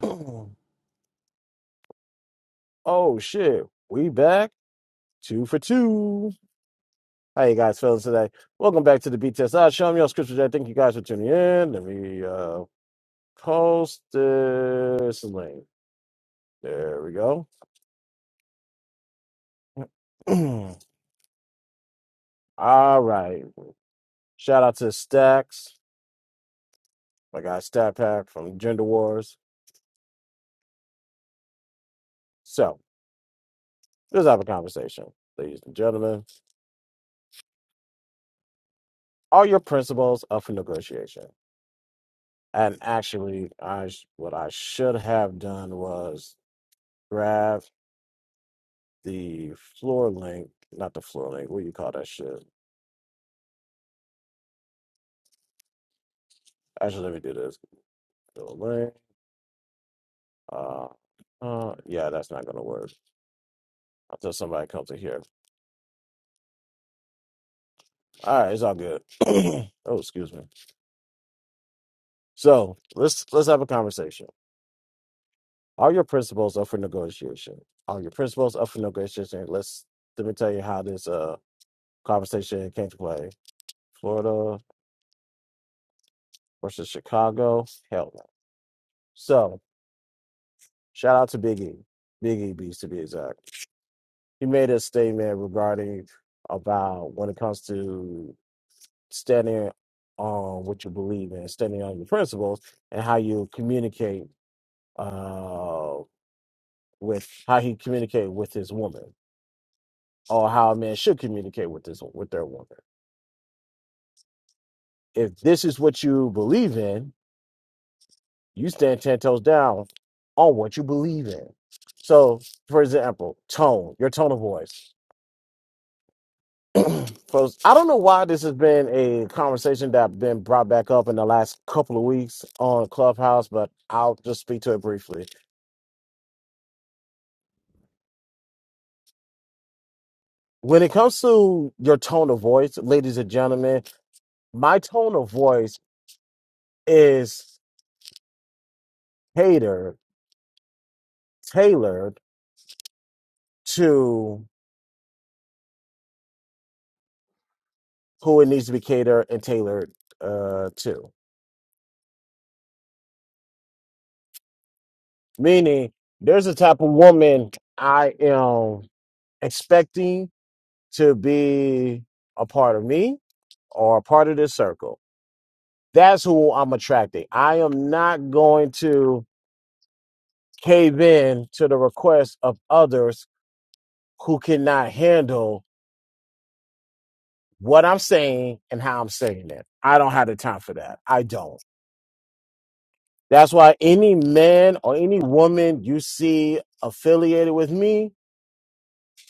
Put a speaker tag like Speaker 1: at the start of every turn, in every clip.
Speaker 1: oh shit, we back two for two. How you guys feeling today? Welcome back to the BTS I show. I'm your host, Chris J. Thank you guys for tuning in. Let me uh, post this link. There we go. All right. Shout out to Stacks, my guy Stat Pack from Gender Wars. So let's have a conversation, ladies and gentlemen. Are your principles up for negotiation? And actually, I sh- what I should have done was grab the floor length, not the floor length. What do you call that shit? Actually, let me do this. Floor length. Uh, uh, yeah, that's not gonna work until somebody comes in here. All right, it's all good. oh, excuse me. So let's let's have a conversation. Are your principles up for negotiation? Are your principles up for negotiation? Let's let me tell you how this uh conversation came to play. Florida versus Chicago. Hell no. So shout out to Big E. Big E beats to be exact. he made a statement regarding about when it comes to standing on what you believe in, standing on your principles, and how you communicate uh, with how he communicate with his woman, or how a man should communicate with this with their woman. If this is what you believe in, you stand ten toes down on what you believe in. So, for example, tone, your tone of voice. Cause I don't know why this has been a conversation that's been brought back up in the last couple of weeks on Clubhouse, but I'll just speak to it briefly. When it comes to your tone of voice, ladies and gentlemen, my tone of voice is catered, tailored to who it needs to be catered and tailored uh, to. Meaning, there's a type of woman I am expecting to be a part of me or a part of this circle That's who I'm attracting. I am not going to cave in to the request of others who cannot handle what I'm saying and how I'm saying it. I don't have the time for that. I don't. That's why any man or any woman you see affiliated with me,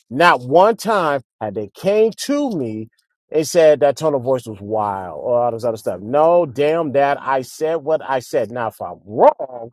Speaker 1: Not one time had they came to me and said that tone of voice was wild or all this other stuff. No, damn that. I said what I said. Now, if I'm wrong,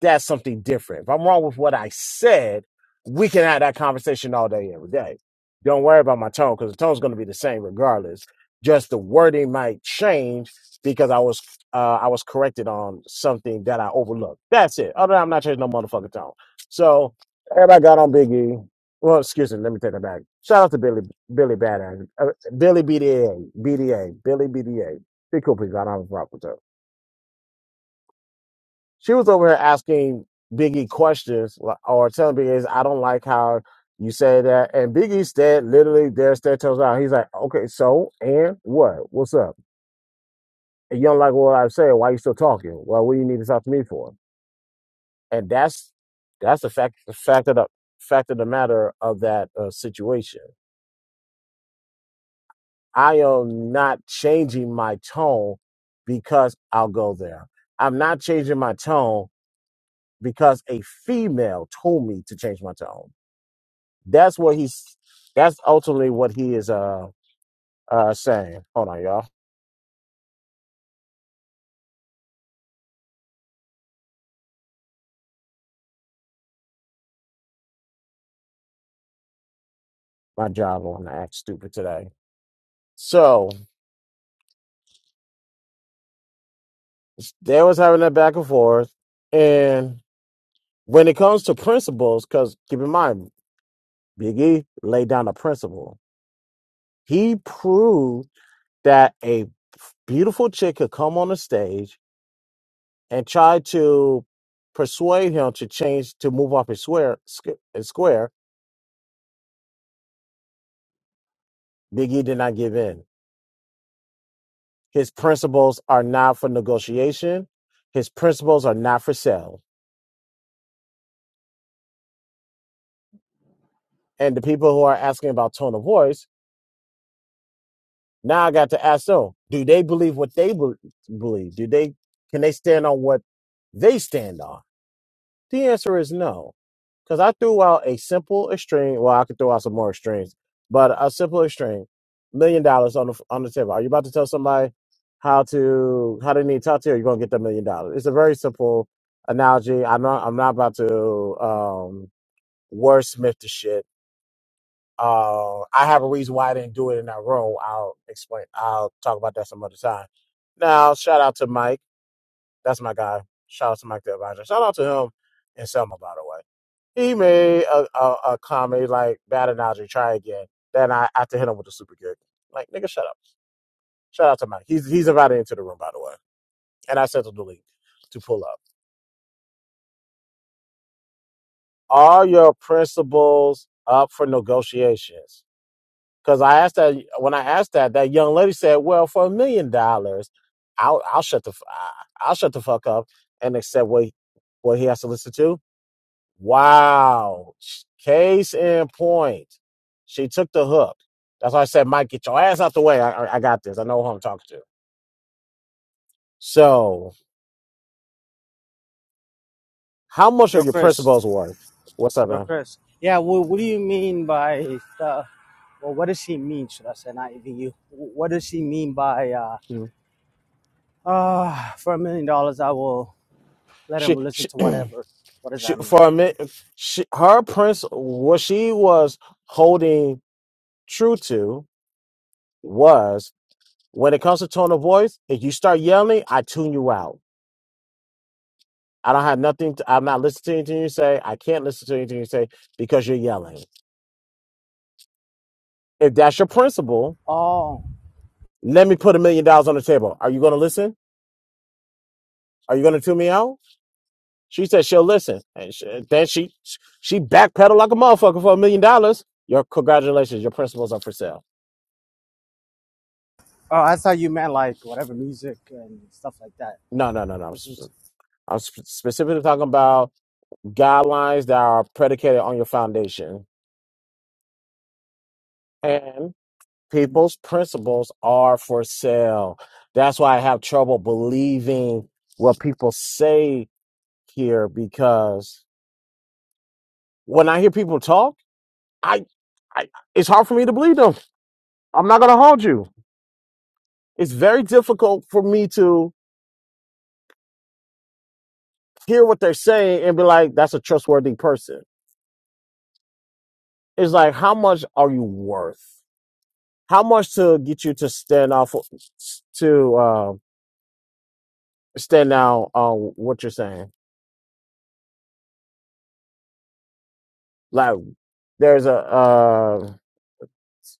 Speaker 1: that's something different. If I'm wrong with what I said, we can have that conversation all day, every day. Don't worry about my tone because the tone's going to be the same regardless. Just the wording might change because I was uh, I was corrected on something that I overlooked. That's it. Other than I'm not changing no motherfucking tone. So everybody got on Biggie. Well, excuse me. Let me take it back. Shout out to Billy Billy Badass. Uh, Billy B D A, B D A, Billy BDA. Be cool people. I don't have a problem with her. She was over here asking Biggie questions li- or telling Biggie, I don't like how you say that. And Biggie said literally there there tells out. He's like, Okay, so and what? What's up? And you don't like what I said, why you still talking? Well, what do you need to talk to me for? And that's that's the fact the fact of the fact of the matter of that uh, situation I am not changing my tone because I'll go there. I'm not changing my tone because a female told me to change my tone. That's what he's. That's ultimately what he is uh uh saying. Hold on, y'all. My job on to act stupid today. So they was having that back and forth, and when it comes to principles, because keep in mind, Big E laid down a principle. He proved. that a beautiful chick could come on the stage and try to persuade him to change to move off his square squ- his square biggie did not give in his principles are not for negotiation his principles are not for sale and the people who are asking about tone of voice now i got to ask them do they believe what they be- believe do they can they stand on what they stand on The answer is no. Because I threw out a simple extreme. Well, I could throw out some more extremes, but a simple extreme, million dollars on the on the table. Are you about to tell somebody how to how they need to talk to you? Or you're gonna get the million dollars. It's a very simple analogy. I'm not I'm not about to um, wordsmith the shit. Uh, I have a reason why I didn't do it in that room. I'll explain. I'll talk about that some other time. Now, shout out to Mike. That's my guy. Shout out to Mike the Advisor. Shout out to him and Selma, by the way. He made a, a, a comment like bad analogy. Try again. Then I, I had to hit him with the super gig. Like nigga, shut up. Shout out to Mike. He's he's invited into the room by the way, and I sent him the link to pull up. Are your principles up for negotiations? Because I asked that when I asked that, that young lady said, "Well, for a million dollars, I'll I'll shut the f- I- I'll shut the fuck up and accept what he- what he has to listen to." Wow. Case in point. She took the hook. That's why I said, Mike, get your ass out the way. I, I I got this. I know who I'm talking to. So, how much are
Speaker 2: Yo,
Speaker 1: your principles
Speaker 2: Chris.
Speaker 1: worth? What's up,
Speaker 2: Yo,
Speaker 1: man?
Speaker 2: Chris. Yeah. Well, what do you mean by the? well? What does he mean? Should I say not even you? Wh- What does he mean by uh,
Speaker 1: Hmm.
Speaker 2: uh for a million dollars I will let him
Speaker 1: She,
Speaker 2: listen
Speaker 1: she,
Speaker 2: to whatever? What does
Speaker 1: she
Speaker 2: that mean?
Speaker 1: for a minute, she, her prince, what she was holding true to was when it comes to tone of voice, if you start yelling, I tune you out. I don't have nothing. To, I'm not listening to anything you say. I can't listen to anything you say because you're yelling. If that's your principle,
Speaker 2: Oh,
Speaker 1: let me put a million dollars on the table. Are you going to listen? Are you going to tune me out? She said she'll listen, and she, then she she backpedaled like a motherfucker for a million dollars. Your congratulations, your principles are for sale.
Speaker 2: oh, I thought you meant like whatever music and stuff like that.
Speaker 1: No, no, no, no. I'm,
Speaker 2: Listen to.
Speaker 1: sp- I'm sp- specifically talking about guidelines that are predicated on your foundation, and people's principles are for sale. That's why I have trouble believing what people say here because when I hear people talk. I, I it's hard for me to believe them. I'm not gonna hold you. It's very difficult for me to hear what they're saying and be like, that's a trustworthy person. It's like, how much are you worth? How much to get you to stand off to uh, stand out on what you're saying? Like, there's a uh,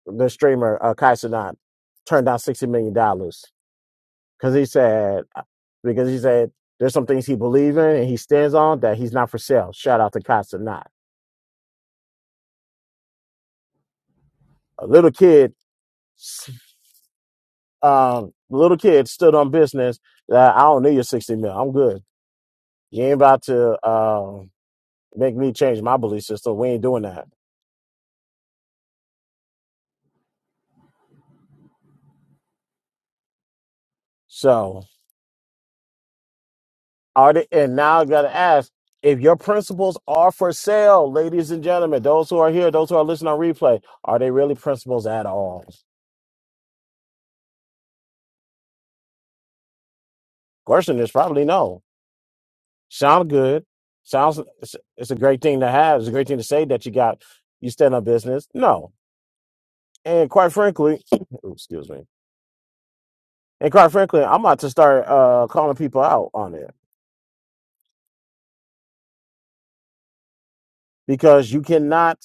Speaker 1: the streamer uh, Kai Cenat turned down sixty million dollars because he said uh, because he said there's some things he believes in and he stands on that he's not for sale. Shout out to Kai Cenat A little kid, um, little kid stood on business. That I don't need your sixty mil. I'm good. You ain't about to um, make me change my belief system. We ain't doing that. So are they, and now I gotta ask if your principles are for sale, ladies and gentlemen, those who are here, those who are listening on replay, are they really principles at all? Question is probably no. Sound good. Sounds it's it's a great thing to have. It's a great thing to say that you got you stand on business. No. And quite frankly, excuse me And quite frankly, I'm about to start uh, calling people out on it because you cannot.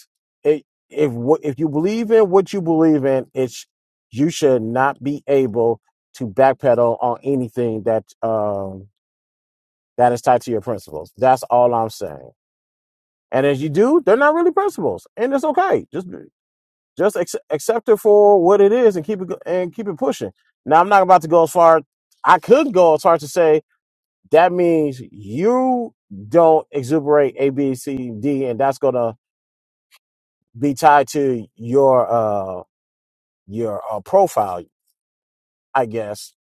Speaker 1: It, if wh- if you believe in what you believe in, it's you should not be able to backpedal on anything that um, that is tied to your principles. That's all I'm saying. And as you do, they're not really principles, and it's okay. Just just ac- accept it for what it is and keep it go- and keep it pushing. Now, I'm not about to go as far. I could go as far to say that means you don't exuberate A, B, C, D, and that's gonna be tied to your uh your uh, profile, I guess.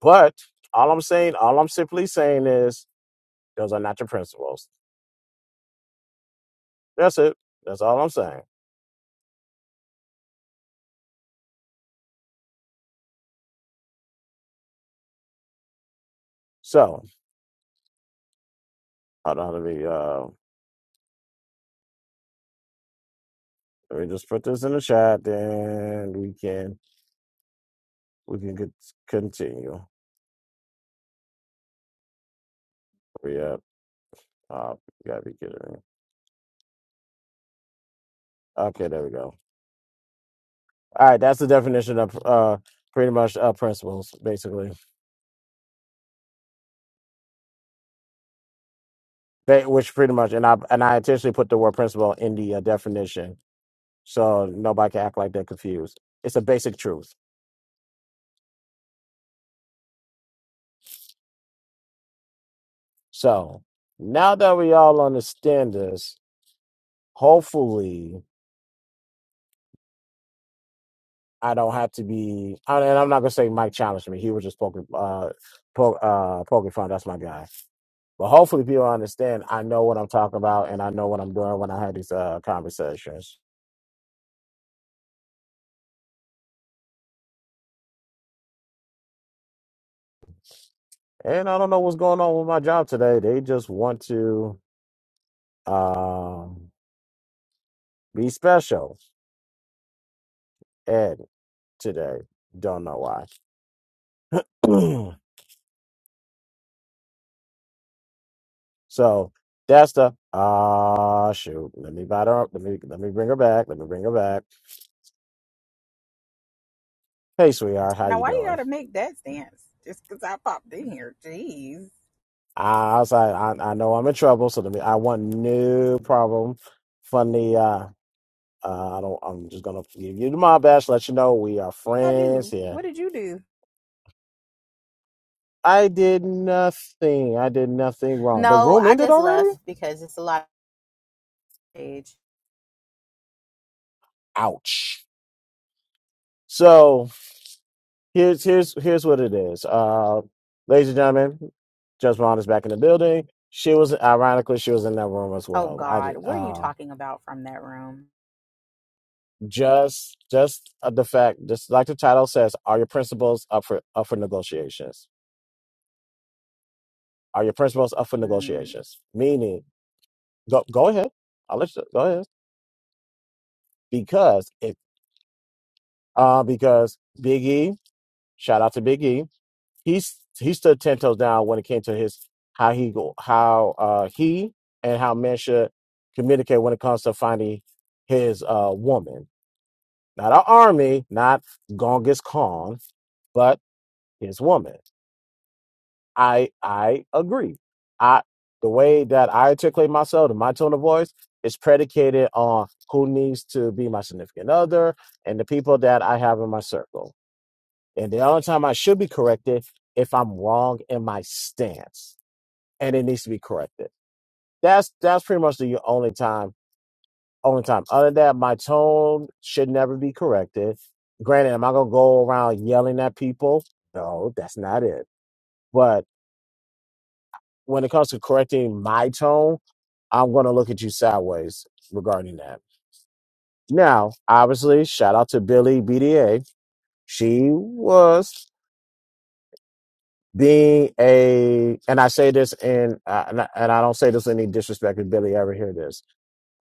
Speaker 1: But all I'm saying, all I'm simply saying is those are not your principles. That's it. That's all I'm saying. So hold on, let me uh let me just put this in the chat, then we can we can get, continue. Hurry up. Uh, you gotta be kidding me. Okay, there we go. All right, that's the definition of uh, pretty much uh, principles, basically. They, which pretty much, and I and I intentionally put the word principle in the uh, definition, so nobody can act like they're confused. It's a basic truth. So now that we all understand this, hopefully, I don't have to be. I- And I'm not gonna say Mike challenged me; he was just poking, uh, poke, uh, poking fun. That's my guy. But hopefully, people understand. I know what I'm talking about, and I know what I'm doing when I have these uh, conversations. And I don't know what's going on with my job today. They just want to um, be special Ed today. Don't know why. so that's the ah shoot. Let me bite her up. Let me let me bring her back. Let me bring her back. Hey sweetheart, how
Speaker 3: Now,
Speaker 1: you
Speaker 3: why you
Speaker 1: doing?
Speaker 3: gotta make that stance? Just 'cause I popped in here. Jeez.
Speaker 1: I I was like, I, I know I'm in trouble, so let me I want no problem. Funny uh uh, I don't. I'm just gonna give you the mob badge. Let you know we are
Speaker 3: I
Speaker 1: friends
Speaker 3: do.
Speaker 1: here
Speaker 3: What did you do?
Speaker 1: I did nothing. I did nothing wrong. The
Speaker 3: No,
Speaker 1: room
Speaker 3: I
Speaker 1: ended
Speaker 3: just
Speaker 1: already?
Speaker 3: left because it's a lot of age.
Speaker 1: Ouch. So here's here's here's what it is. Uh ladies and gentlemen, Judge Vaughn is back in the building. She was ironically she was in that room as
Speaker 3: Oh,
Speaker 1: well. I
Speaker 3: God.
Speaker 1: did
Speaker 3: What are you
Speaker 1: uh,
Speaker 3: talking about from that room?
Speaker 1: just just uh, the fact just like the title says, are your principles up for up for negotiations? Are your principles up for
Speaker 3: Mm,
Speaker 1: negotiations? Meaning go go ahead. I'll let you go ahead. Because if uh because Big E, shout out to Big E he's he stood ten toes down when it came to his how he go how uh he and how men should communicate when it comes to finding his uh woman. Not our army, not Genghis Khan, but his woman. I I agree. I the way that I articulate myself and my tone of voice is predicated on who needs to be my significant other and the people that I have in my circle. And the only time I should be corrected if I'm wrong in my stance and it needs to be corrected. That's that's pretty much the only time. Only time. Other than that, my tone should never be corrected. Granted, am I gonna go around yelling at people? No, that's not it. But when it comes to correcting my tone, I'm gonna look at you sideways regarding that. Now, obviously, shout out to Billy BDA. She was being a, and I say this in, uh, and I and I don't say this in any disrespect. If Billy ever hear this,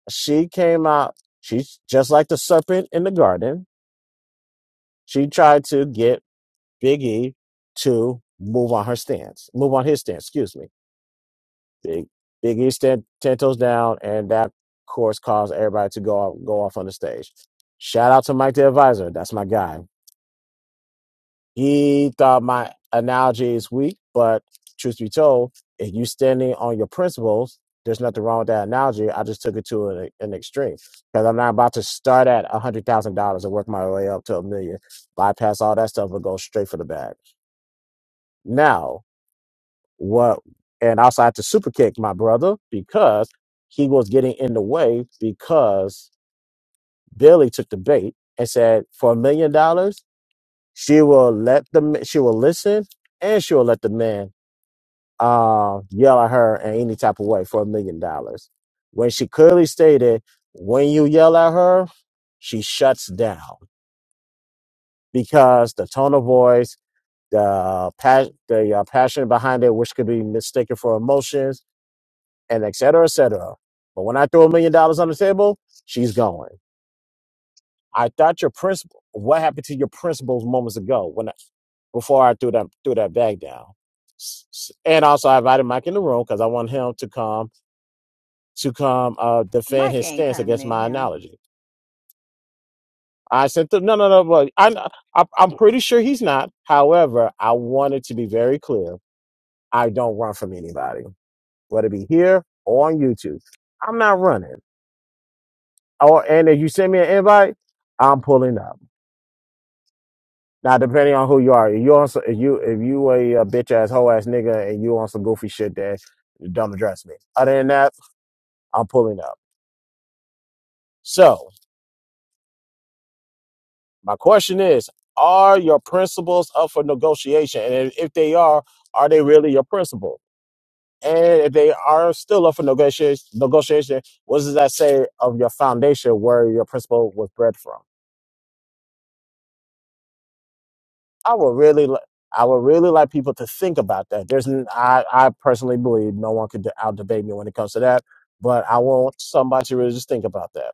Speaker 1: she came out. She's just like the serpent in the garden. She tried to get Big E to move on her stance, move on his stance. Excuse me. Big Big E stand ten toes down, and that of course caused everybody to go off, go off on the stage. Shout out to Mike the Advisor. That's my guy. He thought my analogy is weak, but truth be told, if you standing on your principles, there's nothing wrong with that analogy. I just took it to an, an extreme because I'm not about to start at a hundred thousand dollars and work my way up to a million, bypass all that stuff and go straight for the bag. Now, what? And also, I had to super kick my brother because he was getting in the way because Billy took the bait and said, for a million dollars, she will let the she will listen and she will let the man uh, yell at her in any type of way for a million dollars. When she clearly stated, when you yell at her, she shuts down because the tone of voice, the pa- the uh, passion behind it, which could be mistaken for emotions, and et cetera, et cetera. But when I throw a million dollars on the table, she's going. I thought your principal. What happened to your principles moments ago when I, before I threw that threw that bag down? S- s- And also, I invited Mike in the room because I want him to come to come uh, defend
Speaker 3: Mike
Speaker 1: his
Speaker 3: ain't
Speaker 1: stance
Speaker 3: coming
Speaker 1: against
Speaker 3: in
Speaker 1: my
Speaker 3: here.
Speaker 1: analogy. I said, "No, no, no, but I, I, I'm pretty sure he's not. However, I wanted to be very clear. I don't run from anybody, whether it be here or on YouTube. I'm not running. Or and if you send me an invite, I'm pulling up. Now, depending on who you are, if you on some, if you if you a, uh bitch ass hoe ass nigga and you on some goofy shit, then don't address me. Other than that, I'm pulling up. So My question is, are your principles up for negotiation? And if if they are, are they really your principles? And if they are still up for negotiation, negotiation, what does that say of your foundation where your principle was bred from? I would really, li- I would really like people to think about that. There's, n- I, I personally believe no one could out debate me when it comes to that, but I want somebody to really just think about that.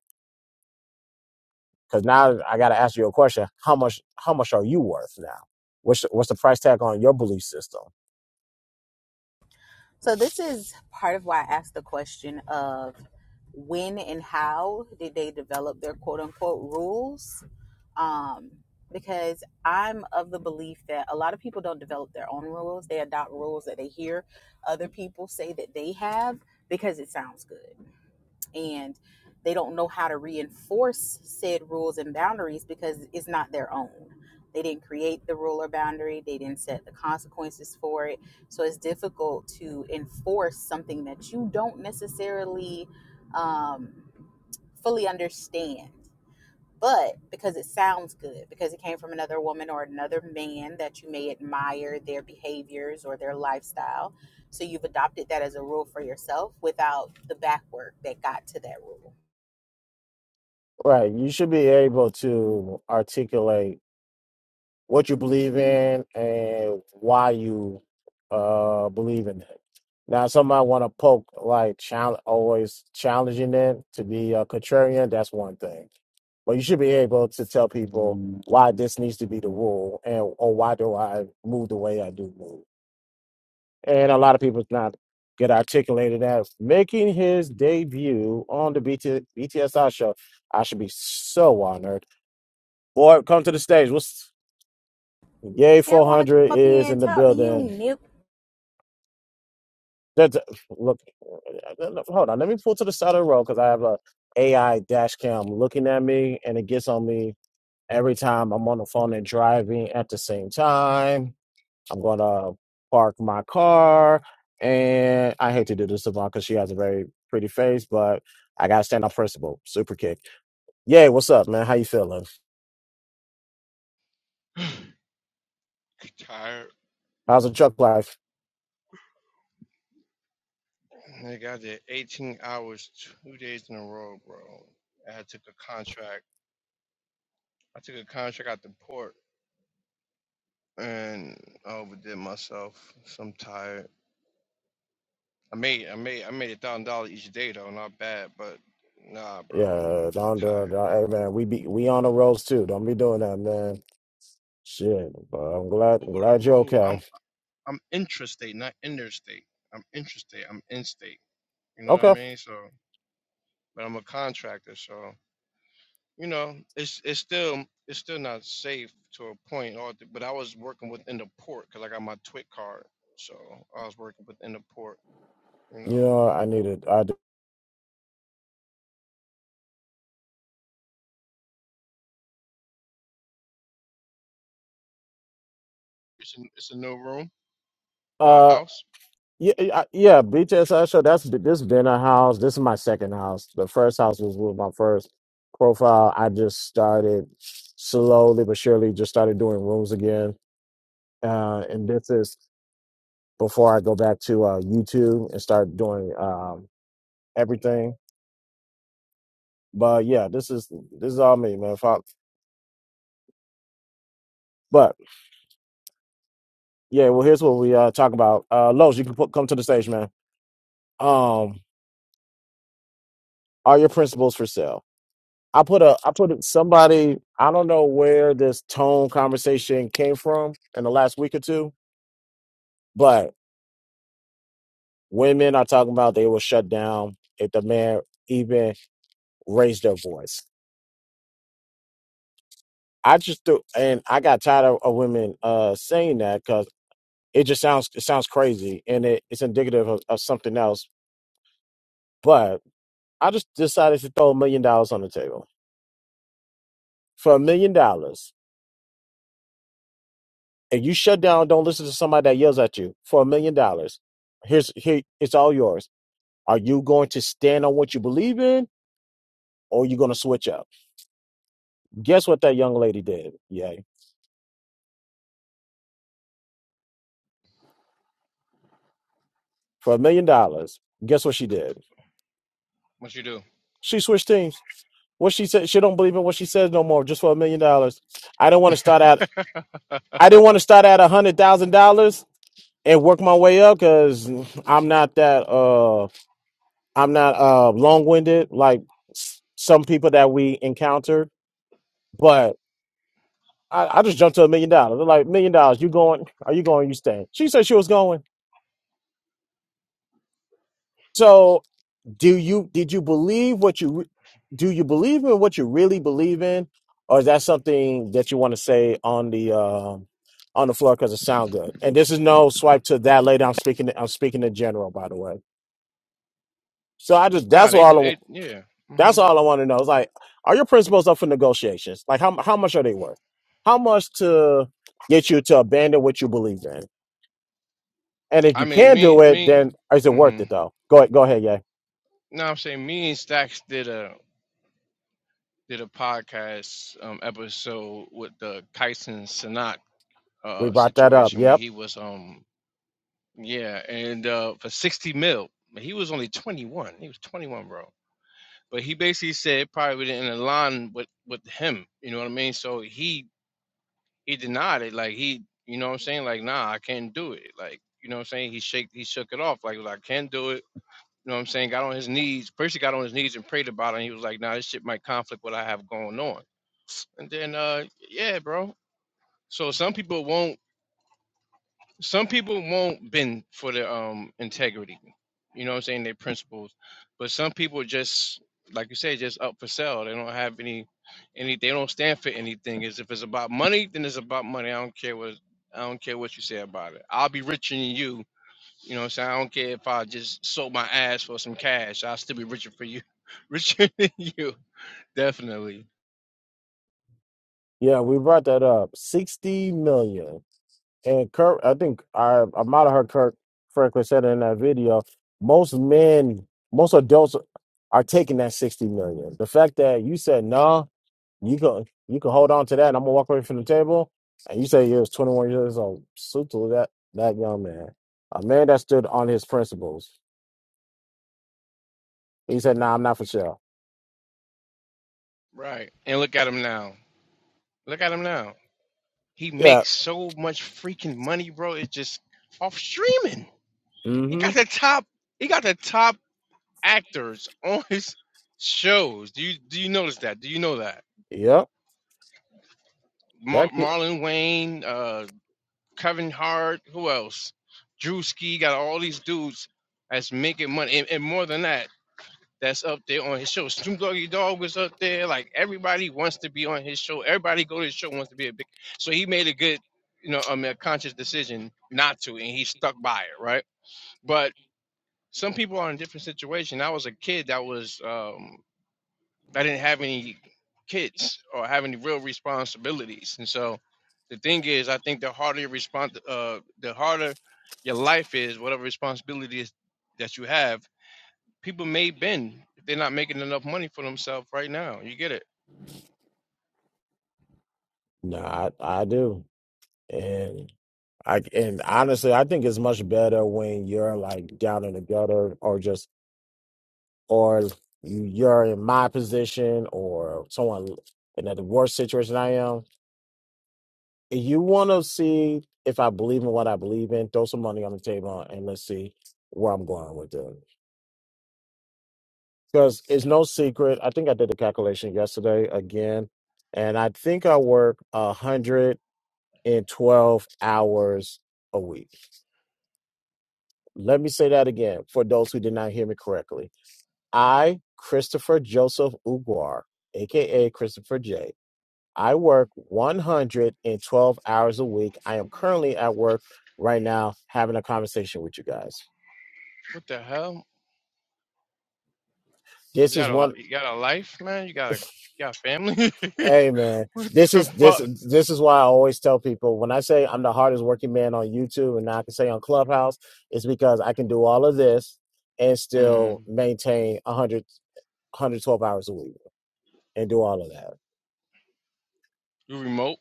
Speaker 1: Cause now I got to ask you a question. How much, how much are you worth now? What's, the- what's the price tag on your belief system?
Speaker 3: So, this is part of why I asked the question of when and how did they develop their quote unquote rules? um, because I'm of the belief that a lot of people don't develop their own rules. They adopt rules that they hear other people say that they have because it sounds good. And they don't know how to reinforce said rules and boundaries because it's not their own. They didn't create the rule or boundary, they didn't set the consequences for it. So it's difficult to enforce something that you don't necessarily um, fully understand but because it sounds good, because it came from another woman or another man that you may admire their behaviors or their lifestyle. So you've adopted that as a rule for yourself without the back work that got to that rule.
Speaker 1: Right. You should be able to articulate what you believe in and why you uh believe in it. Now, some might want to poke like challenge, always challenging it to be a contrarian. That's one thing, but you should be able to tell people why this needs to be the rule and or why do I move the way I do move. And a lot of people not get articulated as making his debut on the BT, BTSI show. I should be so honored Boy, come to the stage. What's Yay
Speaker 3: I don't want to
Speaker 1: 400
Speaker 3: come up
Speaker 1: is
Speaker 3: here
Speaker 1: in
Speaker 3: and
Speaker 1: the
Speaker 3: talk to you,
Speaker 1: building.
Speaker 3: Nick.
Speaker 1: That's, look, hold on. Let me pull to the side of the road because I have a AI dash cam looking at me and it gets on me every time I'm on the phone and driving at the same time. I'm going to park my car. And I hate to do this to Devon because she has a very pretty face, but I got to stand on principle. Super kick. Yay, what's up, man? How you feeling?
Speaker 4: Tired.
Speaker 1: How's the truck life?
Speaker 4: Nigga, got did 18 hours two days in a row, bro. I took a contract. I took a contract out the port and I overdid myself. So I'm tired. I made I made I made a thousand dollars each day though, not bad, but nah bro.
Speaker 1: Yeah, don't do
Speaker 4: Tired.
Speaker 1: Don't- Hey man, we be we on the roads too. Don't be doing that, man. Shit, but I'm glad I'm
Speaker 4: Over the
Speaker 1: glad you're
Speaker 4: road.
Speaker 1: okay.
Speaker 4: I'm I'm intrastate, not interstate. I'm intrastate. I'm in state. You know what I
Speaker 1: Okay,
Speaker 4: mean? So but I'm a contractor, so you know, it's it's still it's still not safe to a point. Or th- but I was working within the port because I got my twit card, so I was working within the port. You know,
Speaker 1: you know I needed. I do.
Speaker 4: it's a, it's a new room or a
Speaker 1: uh
Speaker 4: house.
Speaker 1: yeah I, yeah BTS show That's this been a house. This is my second house. The first house was with my first profile. I just started slowly but surely just started doing rooms again. Uh, and this is before I go back to uh YouTube and start doing um everything. But yeah, this is this is all me, man. Fuck. Yeah, well, here's what we uh talk about. Uh, Los, you can put, come to the stage, man. Um, are your principles for sale? I put a, I put somebody. I don't know where this tone conversation came from in the last week or two, but women are talking about they will shut down if the man even raised their voice. I just do, and I got tired of, of women uh saying that because it just sounds it sounds crazy and it, it's indicative of, of something else. But I just decided to throw a million dollars on the table for a million dollars and you shut down, don't listen to somebody that yells at you for a million dollars, here's here it's all yours. Are you going to stand on what you believe in or are you gonna switch up? Guess what that young lady did? Yay. For a million dollars, guess what she did?
Speaker 4: What you do?
Speaker 1: She switched teams. What she said, she don't believe in what she says no more, just for a million dollars. I don't want to start out I didn't want to start at a hundred thousand dollars and work my way up because I'm not that uh. I'm not uh long winded like s- some people that we encounter, but I, I just jumped to a million dollars. They're like, million dollars, you going? Are you going? You staying? She said she was going. So do you did you believe what you re- do you believe in what you really believe in? Or is that something that you want to say on the um on the floor because it sound good? And this is no swipe to that lady. I'm speaking. I'm speaking in general, by the way. So I just
Speaker 4: Nah,
Speaker 1: that's
Speaker 4: they do
Speaker 1: all.
Speaker 4: it. Yeah. hmm
Speaker 1: That's all I want to know. It's like, are your principles up for negotiations? Like, how how much are they worth? How much to get you to abandon what you believe in? And if
Speaker 4: I
Speaker 1: you
Speaker 4: mean,
Speaker 1: can do
Speaker 4: me
Speaker 1: it,
Speaker 4: me.
Speaker 1: then is it worth
Speaker 4: hmm
Speaker 1: it though? Go ahead, go ahead, yeah.
Speaker 4: No, I'm saying me and Stacks did a did a podcast um episode with the Kyson Sanak
Speaker 1: We
Speaker 4: uh
Speaker 1: brought that up.
Speaker 4: situation where
Speaker 1: Yep,
Speaker 4: he was um Yeah, and uh, for 60 mil, he was only 21. He was 21, bro. But he basically said probably didn't align with with him. You know what I mean? So he he denied it. Like he, you know what I'm saying? Like nah, I can't do it. Like you know what I'm saying? He shake he shook it off. Like, I can't do it. You know what I'm saying? Got on his knees. Percy got on his knees and prayed about it. And he was like, nah, this shit might conflict what I have going on. And then uh yeah, bro. So some people won't some people won't bend for their um integrity you know what i'm saying their principles but some people just like you say just up for sale they don't have any any they don't stand for anything is if it's about money then it's about money i don't care what i don't care what you say about it i'll be richer than you you know what i'm saying i don't care if i just sold my ass for some cash i'll still be richer for you richer than you definitely
Speaker 1: yeah, we brought that up. Sixty million. And Kirk, I think I I might have heard Kirk Franklin said in that video, most men, most adults are taking that sixty million. The fact that you said no, You can you can hold on to that. And I'm gonna walk away from the table. And you say you was 21 years old. Salute to that that young man, a man that stood on his principles. He said, "Nah, I'm not for sale."
Speaker 4: right and look at him now look at him now He
Speaker 1: Yeah.
Speaker 4: makes so much freaking money, bro. It's just off streaming. He
Speaker 1: Mm-hmm.
Speaker 4: got the top. He got the top actors on his shows. Do you do you notice that? Do you know that?
Speaker 1: Yep.
Speaker 4: Mar-
Speaker 1: That kid.
Speaker 4: Marlon Wayne, uh, Kevin Hart, who else? Drewski got all these dudes that's making money, and, and more than that. that's up there on his show. Snoop Doggy Dog was up there. Like everybody wants to be on his show. Everybody go to his show wants to be a big. So he made a good, you know, I mean, a conscious decision not to, and he stuck by it, right? But some people are in a different situation. I was a kid that was, um, I didn't have any kids or have any real responsibilities, and so the thing is, I think the harder your respons- uh, the harder your life is, whatever responsibilities that you have people may bend if they're not making enough money for themselves right now. You get it?
Speaker 1: Nah, I, I do. And I and honestly, I think it's much better when you're like down in the gutter or just or you- you're in my position or someone in the worst situation I am If you want to see if I believe in what I believe in, throw some money on the table and let's see where I'm going with it. Because it's no secret. I think I did the calculation yesterday again, and I think I work 112 hours a week. Let me say that again for those who did not hear me correctly. I, Christopher Joseph Uguar, aka Christopher J I work 112 hours a week. I am currently at work right now having a conversation with you guys.
Speaker 4: What the hell? You
Speaker 1: This is
Speaker 4: got a
Speaker 1: one
Speaker 4: li- you got a life, man. You got a you got family.
Speaker 1: hey man.
Speaker 4: what
Speaker 1: This
Speaker 4: the
Speaker 1: is this
Speaker 4: fuck?
Speaker 1: this is why I always tell people when I say I'm the hardest working man on YouTube and I can say on Clubhouse, it's because I can do all of this and
Speaker 4: hmm
Speaker 1: still maintain 100, 112 hours a week and do all of that.
Speaker 4: You remote?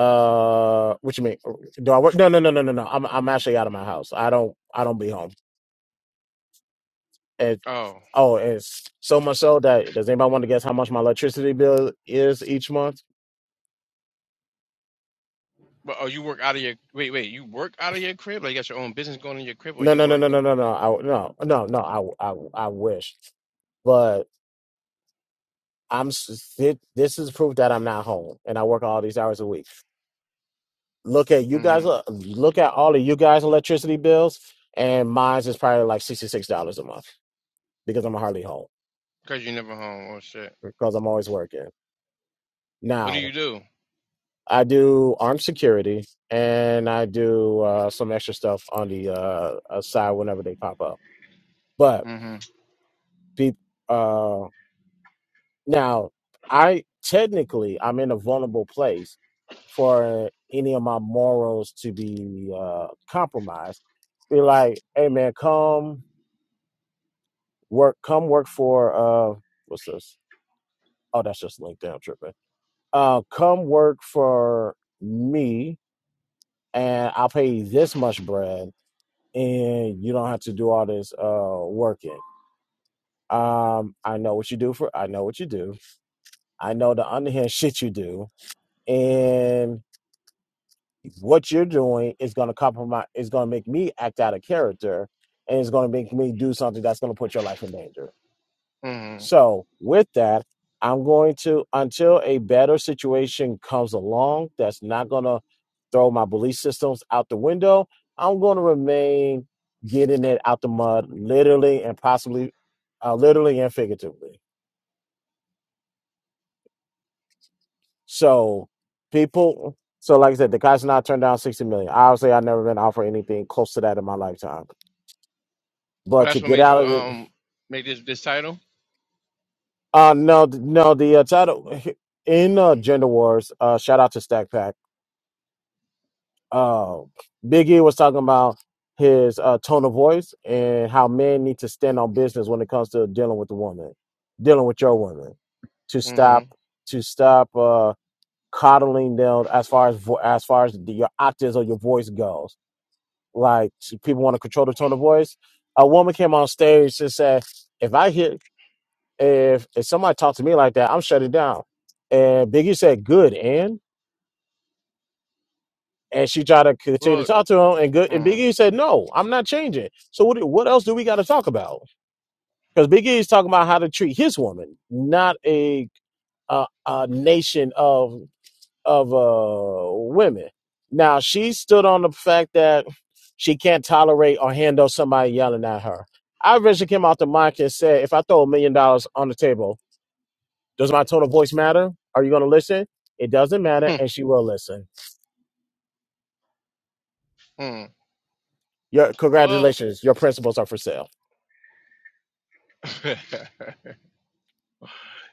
Speaker 1: Uh, what you mean? Do I work? No, no, no, no, no, no. I'm I'm actually out of my house. I don't I don't be home.
Speaker 4: Oh,
Speaker 1: Oh, it's so much so that does anybody want to guess how much my electricity bill is each month?
Speaker 4: but oh, you work out of your wait wait. You work out of your crib? Like you got your own business going in your crib, or
Speaker 1: No,
Speaker 4: you
Speaker 1: no, no, no,
Speaker 4: work?
Speaker 1: no, no, no, I, no, no, no. I, I, I wish, but I'm. s- thi- This is proof that I'm not home and I work all these hours a week. Look at you guys.
Speaker 4: Mm-hmm.
Speaker 1: uh, Look at all of you guys' electricity bills, and mine's is probably like sixty six dollars a month because I'm hardly home
Speaker 4: Cause you are never home. Oh shit.
Speaker 1: because I'm always working.
Speaker 4: What do
Speaker 1: Now
Speaker 4: you do?
Speaker 1: I do armed security, and I do uh, some extra stuff on the uh, uh, side whenever they pop up. But
Speaker 4: mm hmm
Speaker 1: be, uh, now, I technically I'm in a vulnerable place for any of my morals to be uh, compromised. Be like, hey man, come work, come work for uh, what's this? Oh, that's just LinkedIn I'm tripping. Uh, come work for me, and I'll pay you this much bread and you don't have to do all this uh working. Um, I know what you do for I know what you do. I know the underhand shit you do. And what you're doing is gonna compromise is gonna make me act out of character and it's gonna make me do something that's gonna put your life in danger.
Speaker 4: mm hmm
Speaker 1: So, with that, I'm going to, until a better situation comes along that's not going to throw my belief systems out the window, I'm going to remain getting it out the mud, literally and possibly, uh, literally and figuratively. So, people, so like I said, the guy's not turned down 60 million. Obviously, I've never been offered anything close to that in my lifetime.
Speaker 4: Oh,
Speaker 1: But to
Speaker 4: that's what
Speaker 1: get
Speaker 4: made
Speaker 1: out
Speaker 4: you
Speaker 1: of it,
Speaker 4: um make this this title.
Speaker 1: uh, no, no, the uh, title in uh, Gender Wars, uh, shout out to Stack Pack uh, Big E was talking about his uh, tone of voice and how men need to stand on business when it comes to dealing with the woman, dealing with your woman, to
Speaker 4: mm hmm
Speaker 1: stop to stop uh, coddling them as far as vo- as far as the, your octaves or your voice goes. Like people want to control the tone of voice. A woman came on stage and said, "If I hear if if somebody talks to me like that, I'm shutting down." And Biggie said, "Good, and." and she tried to continue to
Speaker 4: Well.
Speaker 1: talk to him, and good. And Big
Speaker 4: Mm,
Speaker 1: E said, "No, I'm not changing." So what? What else do we got to talk about? Because Big E is talking about how to treat his woman, not a a, a nation of of uh, women. Now she stood on the fact that she can't tolerate or handle somebody yelling at her. I eventually came out the mic and said, "If I throw a million dollars on the table, does my tone of voice matter? Are you going to listen? It doesn't matter, and she will listen.
Speaker 4: mm,
Speaker 1: Your
Speaker 4: well.
Speaker 1: congratulations, your principles are for sale."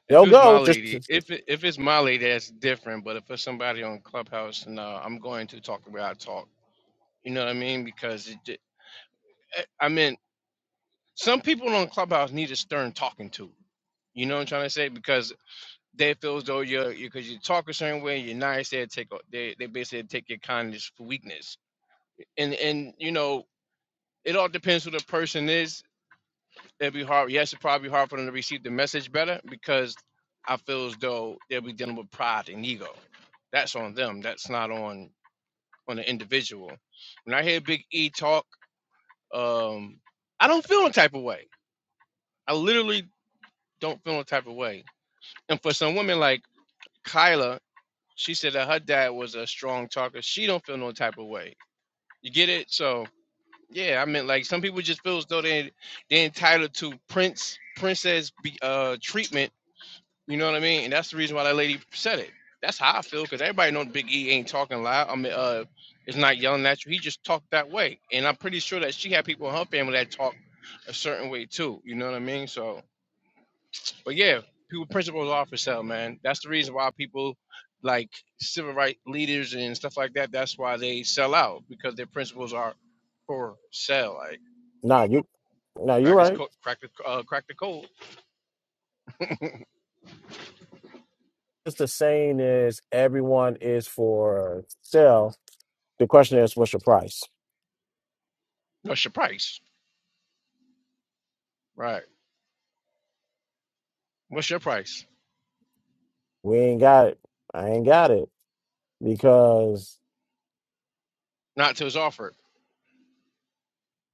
Speaker 4: If
Speaker 1: They'll
Speaker 4: it was my
Speaker 1: go. Just
Speaker 4: lady, if it, if it's my lady, that's different. But if it's somebody on Clubhouse, no, I'm going to talk the way I talk. You know what I mean? Because it, ju- eh, I I mean, some people on Clubhouse need a stern talking to. You know what I'm trying to say? Because they feel as though you're because you talk a certain way, you're nice. They take o- they they basically take your kindness for weakness. And and you know, it all depends who the person is it'd be hard. Yes, it'd probably be hard for them to receive the message better because I feel as though they'll be dealing with pride and ego. That's on them. That's not on on the individual. When I hear Big E talk, um, I don't feel a type of way. I literally don't feel a type of way. And for some women like Kyla, she said that her dad was a strong talker. She don't feel no type of way. You get it? So yeah, I mean, like some people just feel as though they they're entitled to prince princess be, uh treatment You know what I mean? And that's the reason why that lady said it. That's how I feel because everybody know Big E ain't talking loud. I mean, uh, is not yelling at you. He just talked that way, and I'm pretty sure that she had people in her family that talk a certain way too. You know what I mean? So, but yeah, people principles are for sale, man. That's the reason why people like civil rights leaders and stuff like that. That's why they sell out because their principles are for sale. Like
Speaker 1: nah, you nah, you're
Speaker 4: crack is
Speaker 1: right.
Speaker 4: co- crack the uh, crack the code.
Speaker 1: It's the saying is everyone is for sale. The question is, what's your price?
Speaker 4: What's your price? Right. What's your price?
Speaker 1: We ain't got it. I ain't got it because
Speaker 4: Not till it's offered.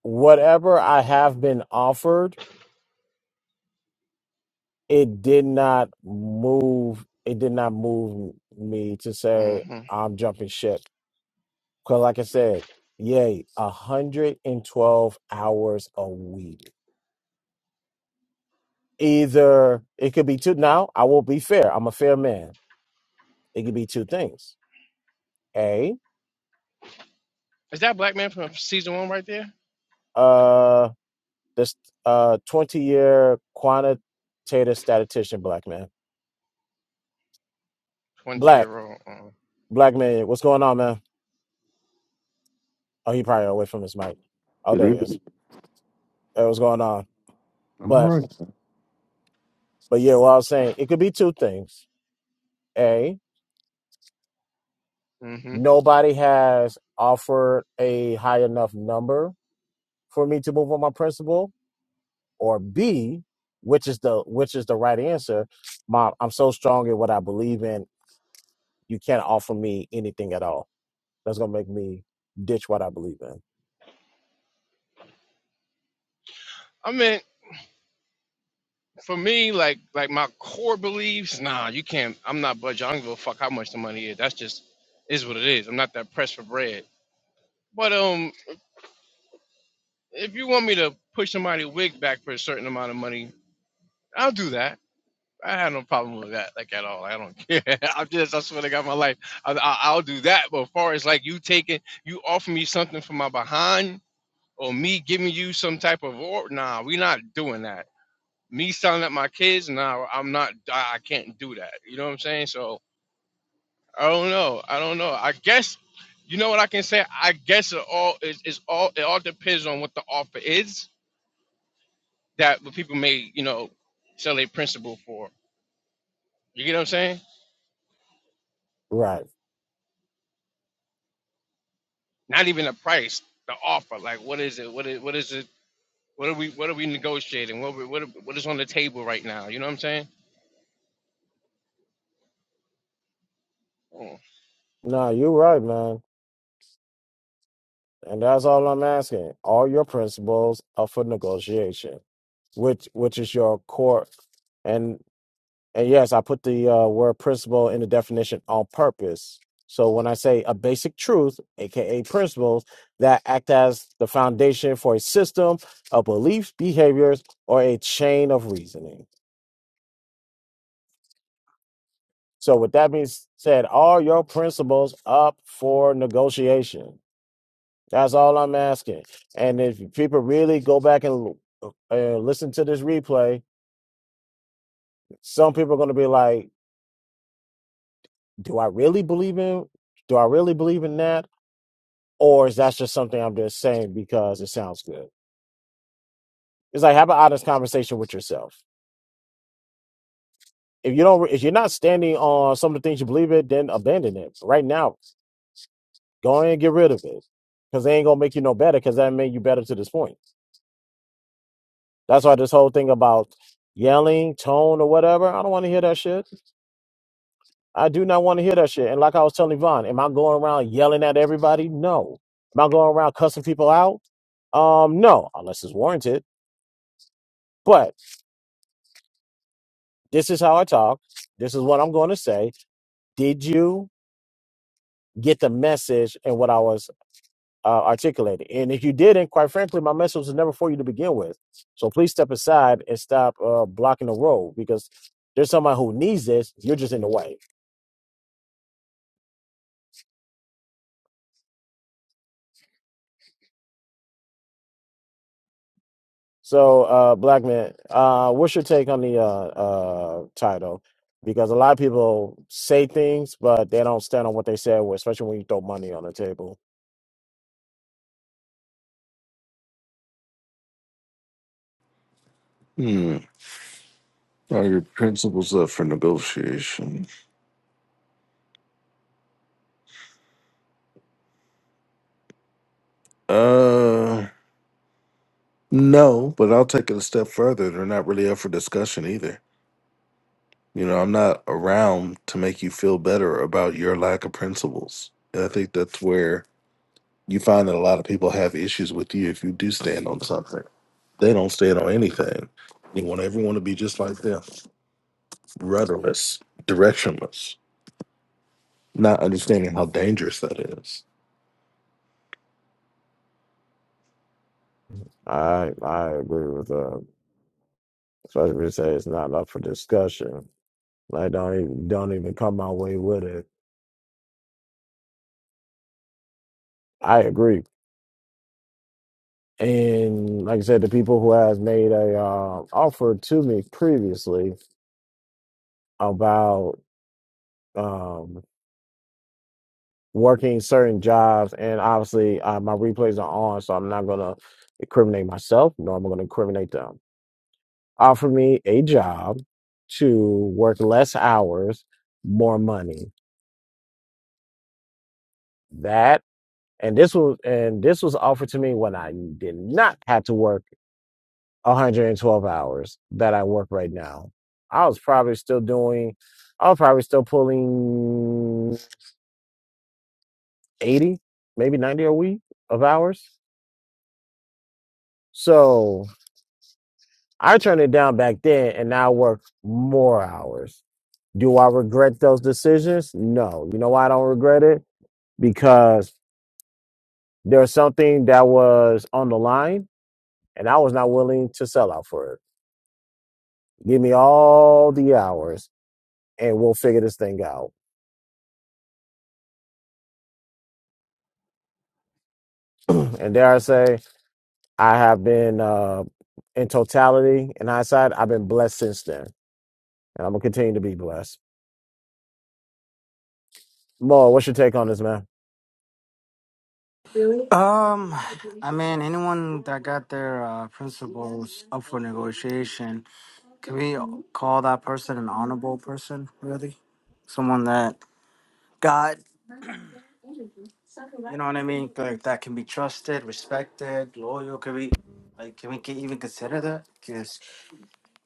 Speaker 1: whatever I have been offered, it did not move. It did not move me to say
Speaker 4: hmm
Speaker 1: I'm jumping ship. Because, like I said, yay, 112 hours a week. Either it could be two. Now I will be fair. I'm a fair man It could be two things. A,
Speaker 4: Is that black man from season one right there?
Speaker 1: uh, this uh 20 year quantitative statistician black man.
Speaker 4: Twenty
Speaker 1: Black,
Speaker 4: year old.
Speaker 1: black man, what's going on, man? Oh, he probably away from his mic. Oh,
Speaker 5: Good
Speaker 1: there he is.
Speaker 5: evening.
Speaker 1: Uh, what's going on?
Speaker 5: I'm all
Speaker 1: But
Speaker 5: right.
Speaker 1: but yeah, what I was saying, it could be two things. A,
Speaker 4: Mm-hmm.
Speaker 1: nobody has offered a high enough number for me to move on my principle, or B, which is the which is the right answer, my I'm so strong in what I believe in you can't offer me anything at all. That's gonna make me ditch what I believe in.
Speaker 4: I mean, for me, like like my core beliefs. Nah, you can't. I'm not budging. I don't give a fuck how much the money is. That's just is what it is. I'm not that pressed for bread. But um, if you want me to push somebody wig back for a certain amount of money, I'll do that. I have no problem with that, like at all. I don't care. I'm just, I swear to God, my life, I, I, I'll do that. But as far as like you taking, you offer me something for my behind, or me giving you some type of or nah, we're not doing that. Me selling up my kids, nah, I'm not I I can't do that. You know what I'm saying? So I don't know. I don't know. I guess you know what I can say? I guess it all is is all it all depends on what the offer is that what people may, you know, sell a principal for. You get what I'm saying?
Speaker 1: Right.
Speaker 4: Not even the price, the offer. Like what is it? What is what is it? What are we what are we negotiating? What we- what are- what is on the table right now? You know what I'm saying?
Speaker 1: No, you're right, man. And that's all I'm asking. All your principles are for negotiation, which which is your core and and yes, I put the uh, word principle in the definition on purpose. So when I say a basic truth, aka principles, that act as the foundation for a system of beliefs, behaviors, or a chain of reasoning. So with that being said, are your principles up for negotiation? That's all I'm asking. And if people really go back and uh, listen to this replay, some people are going to be like, "Do I really believe in? Do I really believe in that? Or is that just something I'm just saying because it sounds good?" It's like have an honest conversation with yourself. If you don't, if you're not standing on some of the things you believe in, then abandon it right now. Go ahead and get rid of it because they ain't gonna make you no better because that made you better to this point. That's why this whole thing about yelling, tone, or whatever, I don't want to hear that shit. I do not want to hear that shit. And like I was telling Yvonne, am I going around yelling at everybody? No. Am I going around cussing people out? Um, no, unless it's warranted. But this is how I talk. This is what I'm going to say. Did you get the message and what I was uh, articulating? And if you didn't, quite frankly, my message was never for you to begin with. So please step aside and stop uh, blocking the road because there's somebody who needs this. You're just in the way. So, uh, black man, uh, what's your take on the uh, uh, title? Because a lot of people say things, but they don't stand on what they said, well, especially when you throw money on the table.
Speaker 5: Hmm. Are your principles up for negotiation? Uh, no, but I'll take it a step further. They're not really up for discussion either. You know, I'm not around to make you feel better about your lack of principles. And I think that's where you find that a lot of people have issues with you if you do stand on something. They don't stand on anything. You want everyone to be just like them, rudderless, directionless, not understanding how dangerous that is.
Speaker 1: I I agree with uh, especially if you say it's not up for discussion. Like don't even don't even come my way with it. I agree. And like I said, the people who has made a uh, offer to me previously about um, working certain jobs, and obviously uh, my replays are on, so I'm not gonna incriminate myself, nor am I gonna incriminate them. Offer me a job to work less hours, more money. That and this was and this was offered to me when I did not have to work 112 hours that I work right now. I was probably still doing, I was probably still pulling 80, maybe 90 a week of hours. So I turned it down back then and now I work more hours. Do I regret those decisions? No. You know why I don't regret it? Because there's something that was on the line and I was not willing to sell out for it. Give me all the hours and we'll figure this thing out. And dare I say, I have been, uh, in totality, in hindsight, I've been blessed since then. And I'm going to continue to be blessed. Moa, what's your take on this, man?
Speaker 2: Um, I mean, anyone that got their uh, principles up for negotiation, can we call that person an honorable person? Really, someone that got You know what I mean? Like that can be trusted, respected, loyal. Can we, like, can we can even consider that? Because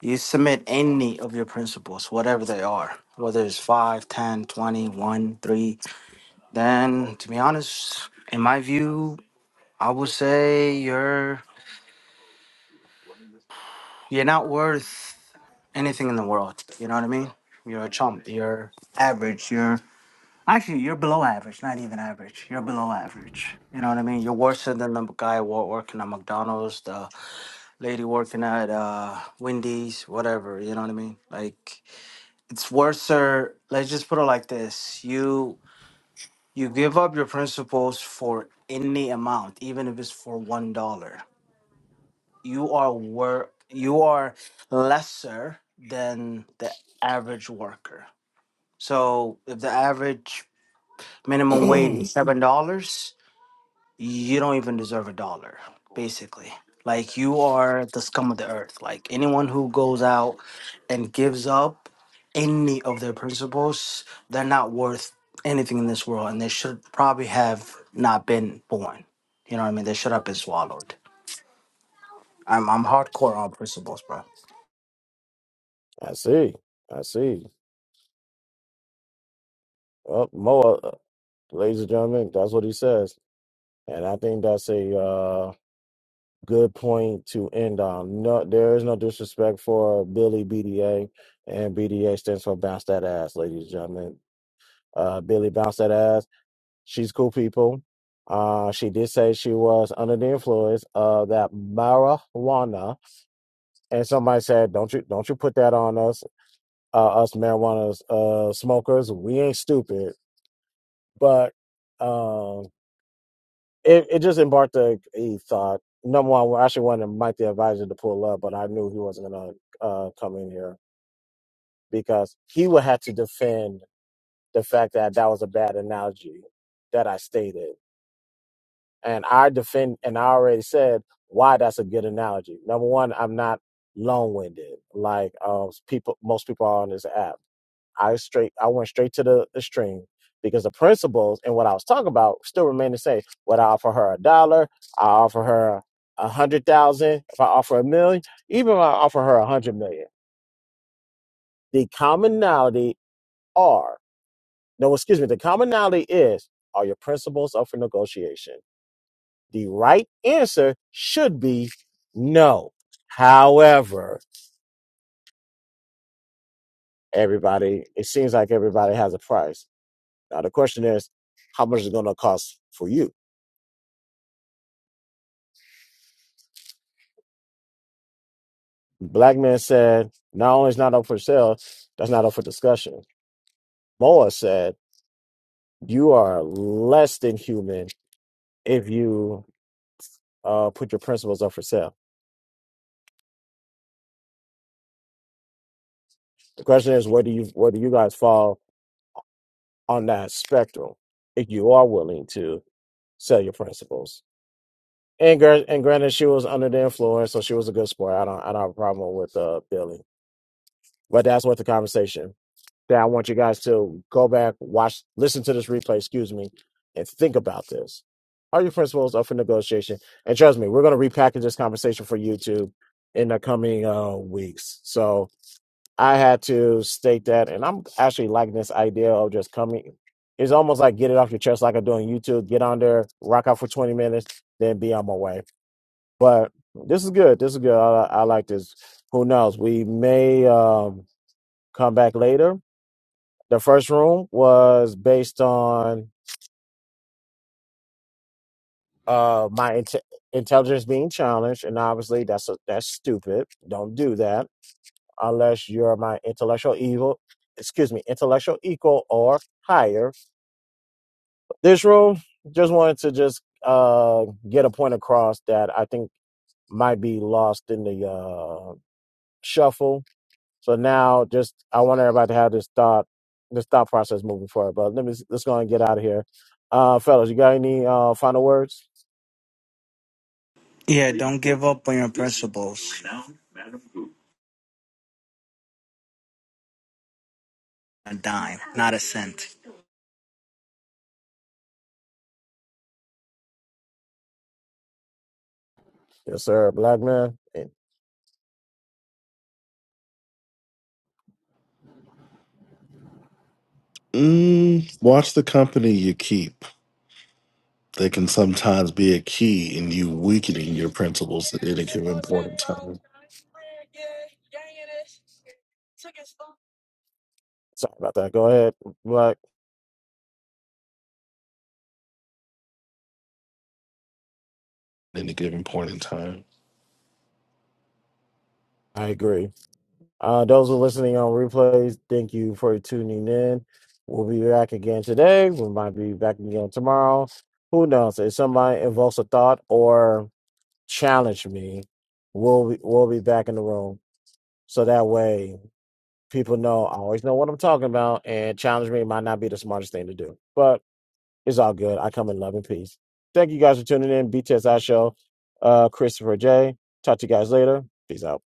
Speaker 2: you submit any of your principles, whatever they are, whether it's five, ten, twenty, one, 3, then to be honest, in my view, I would say you're you're not worth anything in the world. You know what I mean? You're a chump. You're average. You're Actually, you're below average, not even average. You're below average. You know what I mean? You're worse than the guy wo- working at McDonald's, the lady working at uh, Wendy's, whatever. You know what I mean? Like, it's worse. Let's just put it like this: you you give up your principles for any amount, even if it's for one dollar. You are work. You are lesser than the average worker. So, if the average minimum wage is
Speaker 1: I
Speaker 2: seven dollars you don't even deserve a dollar, basically. Like you are the scum of the earth. Like anyone who goes out and gives up any of their principles, they're not worth anything in this world and they should probably have not been born. You know what I mean? They should have been swallowed. I'm I'm hardcore on principles, bro.
Speaker 1: see. I see. Well, Moa. Ladies and gentlemen, that's what he says. And I think that's a uh, good point to end on. No, there is no disrespect for Billy BDA, and BDA stands for bounce that ass, ladies and gentlemen. Uh, Billy bounce that ass. She's cool people. Uh, she did say she was under the influence of that marijuana, and somebody said, "Don't you don't you put that on us, uh, us marijuana uh, smokers? We ain't stupid." But um, it, it just embarked a, a thought. Number one, I actually wanted Mike the advisor to pull up, but I knew he wasn't going to uh, come in here because he would have to defend the fact that that was a bad analogy that I stated. And I defend, and I already said why that's a good analogy. Number one, I'm not long winded like uh, people, most people are on this app. I straight I went straight to the, the stream because the principles and what I was talking about still remain the same. What I offer her a dollar? I offer her a hundred thousand. If I offer a million, even if I offer her a hundred million, the commonality are no excuse me. The commonality is are your principles up for negotiation. The right answer should be no. However, everybody it seems like everybody has a price. Now the question is, how much is it going to cost for you? Black man said, not only is not up for sale, that's not up for discussion. Moa said, you are less than human if you uh, put your principles up for sale. The question is, where do you where do you guys fall on that spectrum if you are willing to sell your principles? And gr- and granted, she was under the influence, so she was a good sport. I don't I don't have a problem with uh, Billy, but that's what the conversation. that I want you guys to go back, watch, listen to this replay, excuse me, and think about this. Are your principles up for negotiation? And trust me, we're going to repackage this conversation for YouTube in the coming uh, weeks. So I had to state that. And I'm actually liking this idea of just coming. It's almost like get it off your chest, like I do on YouTube. Get on there, rock out for 20 minutes, then be on my way. But this is good. This is good. I, I like this. Who knows? We may um, come back later the first room was based on uh my inte- intelligence being challenged, and obviously that's a, that's stupid. Don't do that unless you're my intellectual evil. Excuse me, intellectual equal or higher. This room just wanted to just uh get a point across that I think might be lost in the uh shuffle So now, just I want everybody to have this thought, this thought process moving forward. But let me let's go and get out of here, uh, fellas. You got any uh, final words?
Speaker 2: Yeah, don't give up on your principles. A dime, not a cent.
Speaker 1: Yes, sir. Black man. And
Speaker 5: Mm, watch the company you keep. They can sometimes be a key in you weakening your principles at any given point in time.
Speaker 1: sorry about that. Go ahead, Black.
Speaker 5: Any given point in time.
Speaker 1: I agree. Uh, those who are listening on replays, thank you for tuning in. We'll be back again today. We might be back again tomorrow. Who knows? If somebody invokes a thought or challenge me, we'll be, we'll be back in the room. So that way people know I always know what I'm talking about, and challenge me might not be the smartest thing to do, but it's all good. I come in love and peace. Thank you guys for tuning in. BTSI show, uh, Christopher J. Talk to you guys later. Peace out.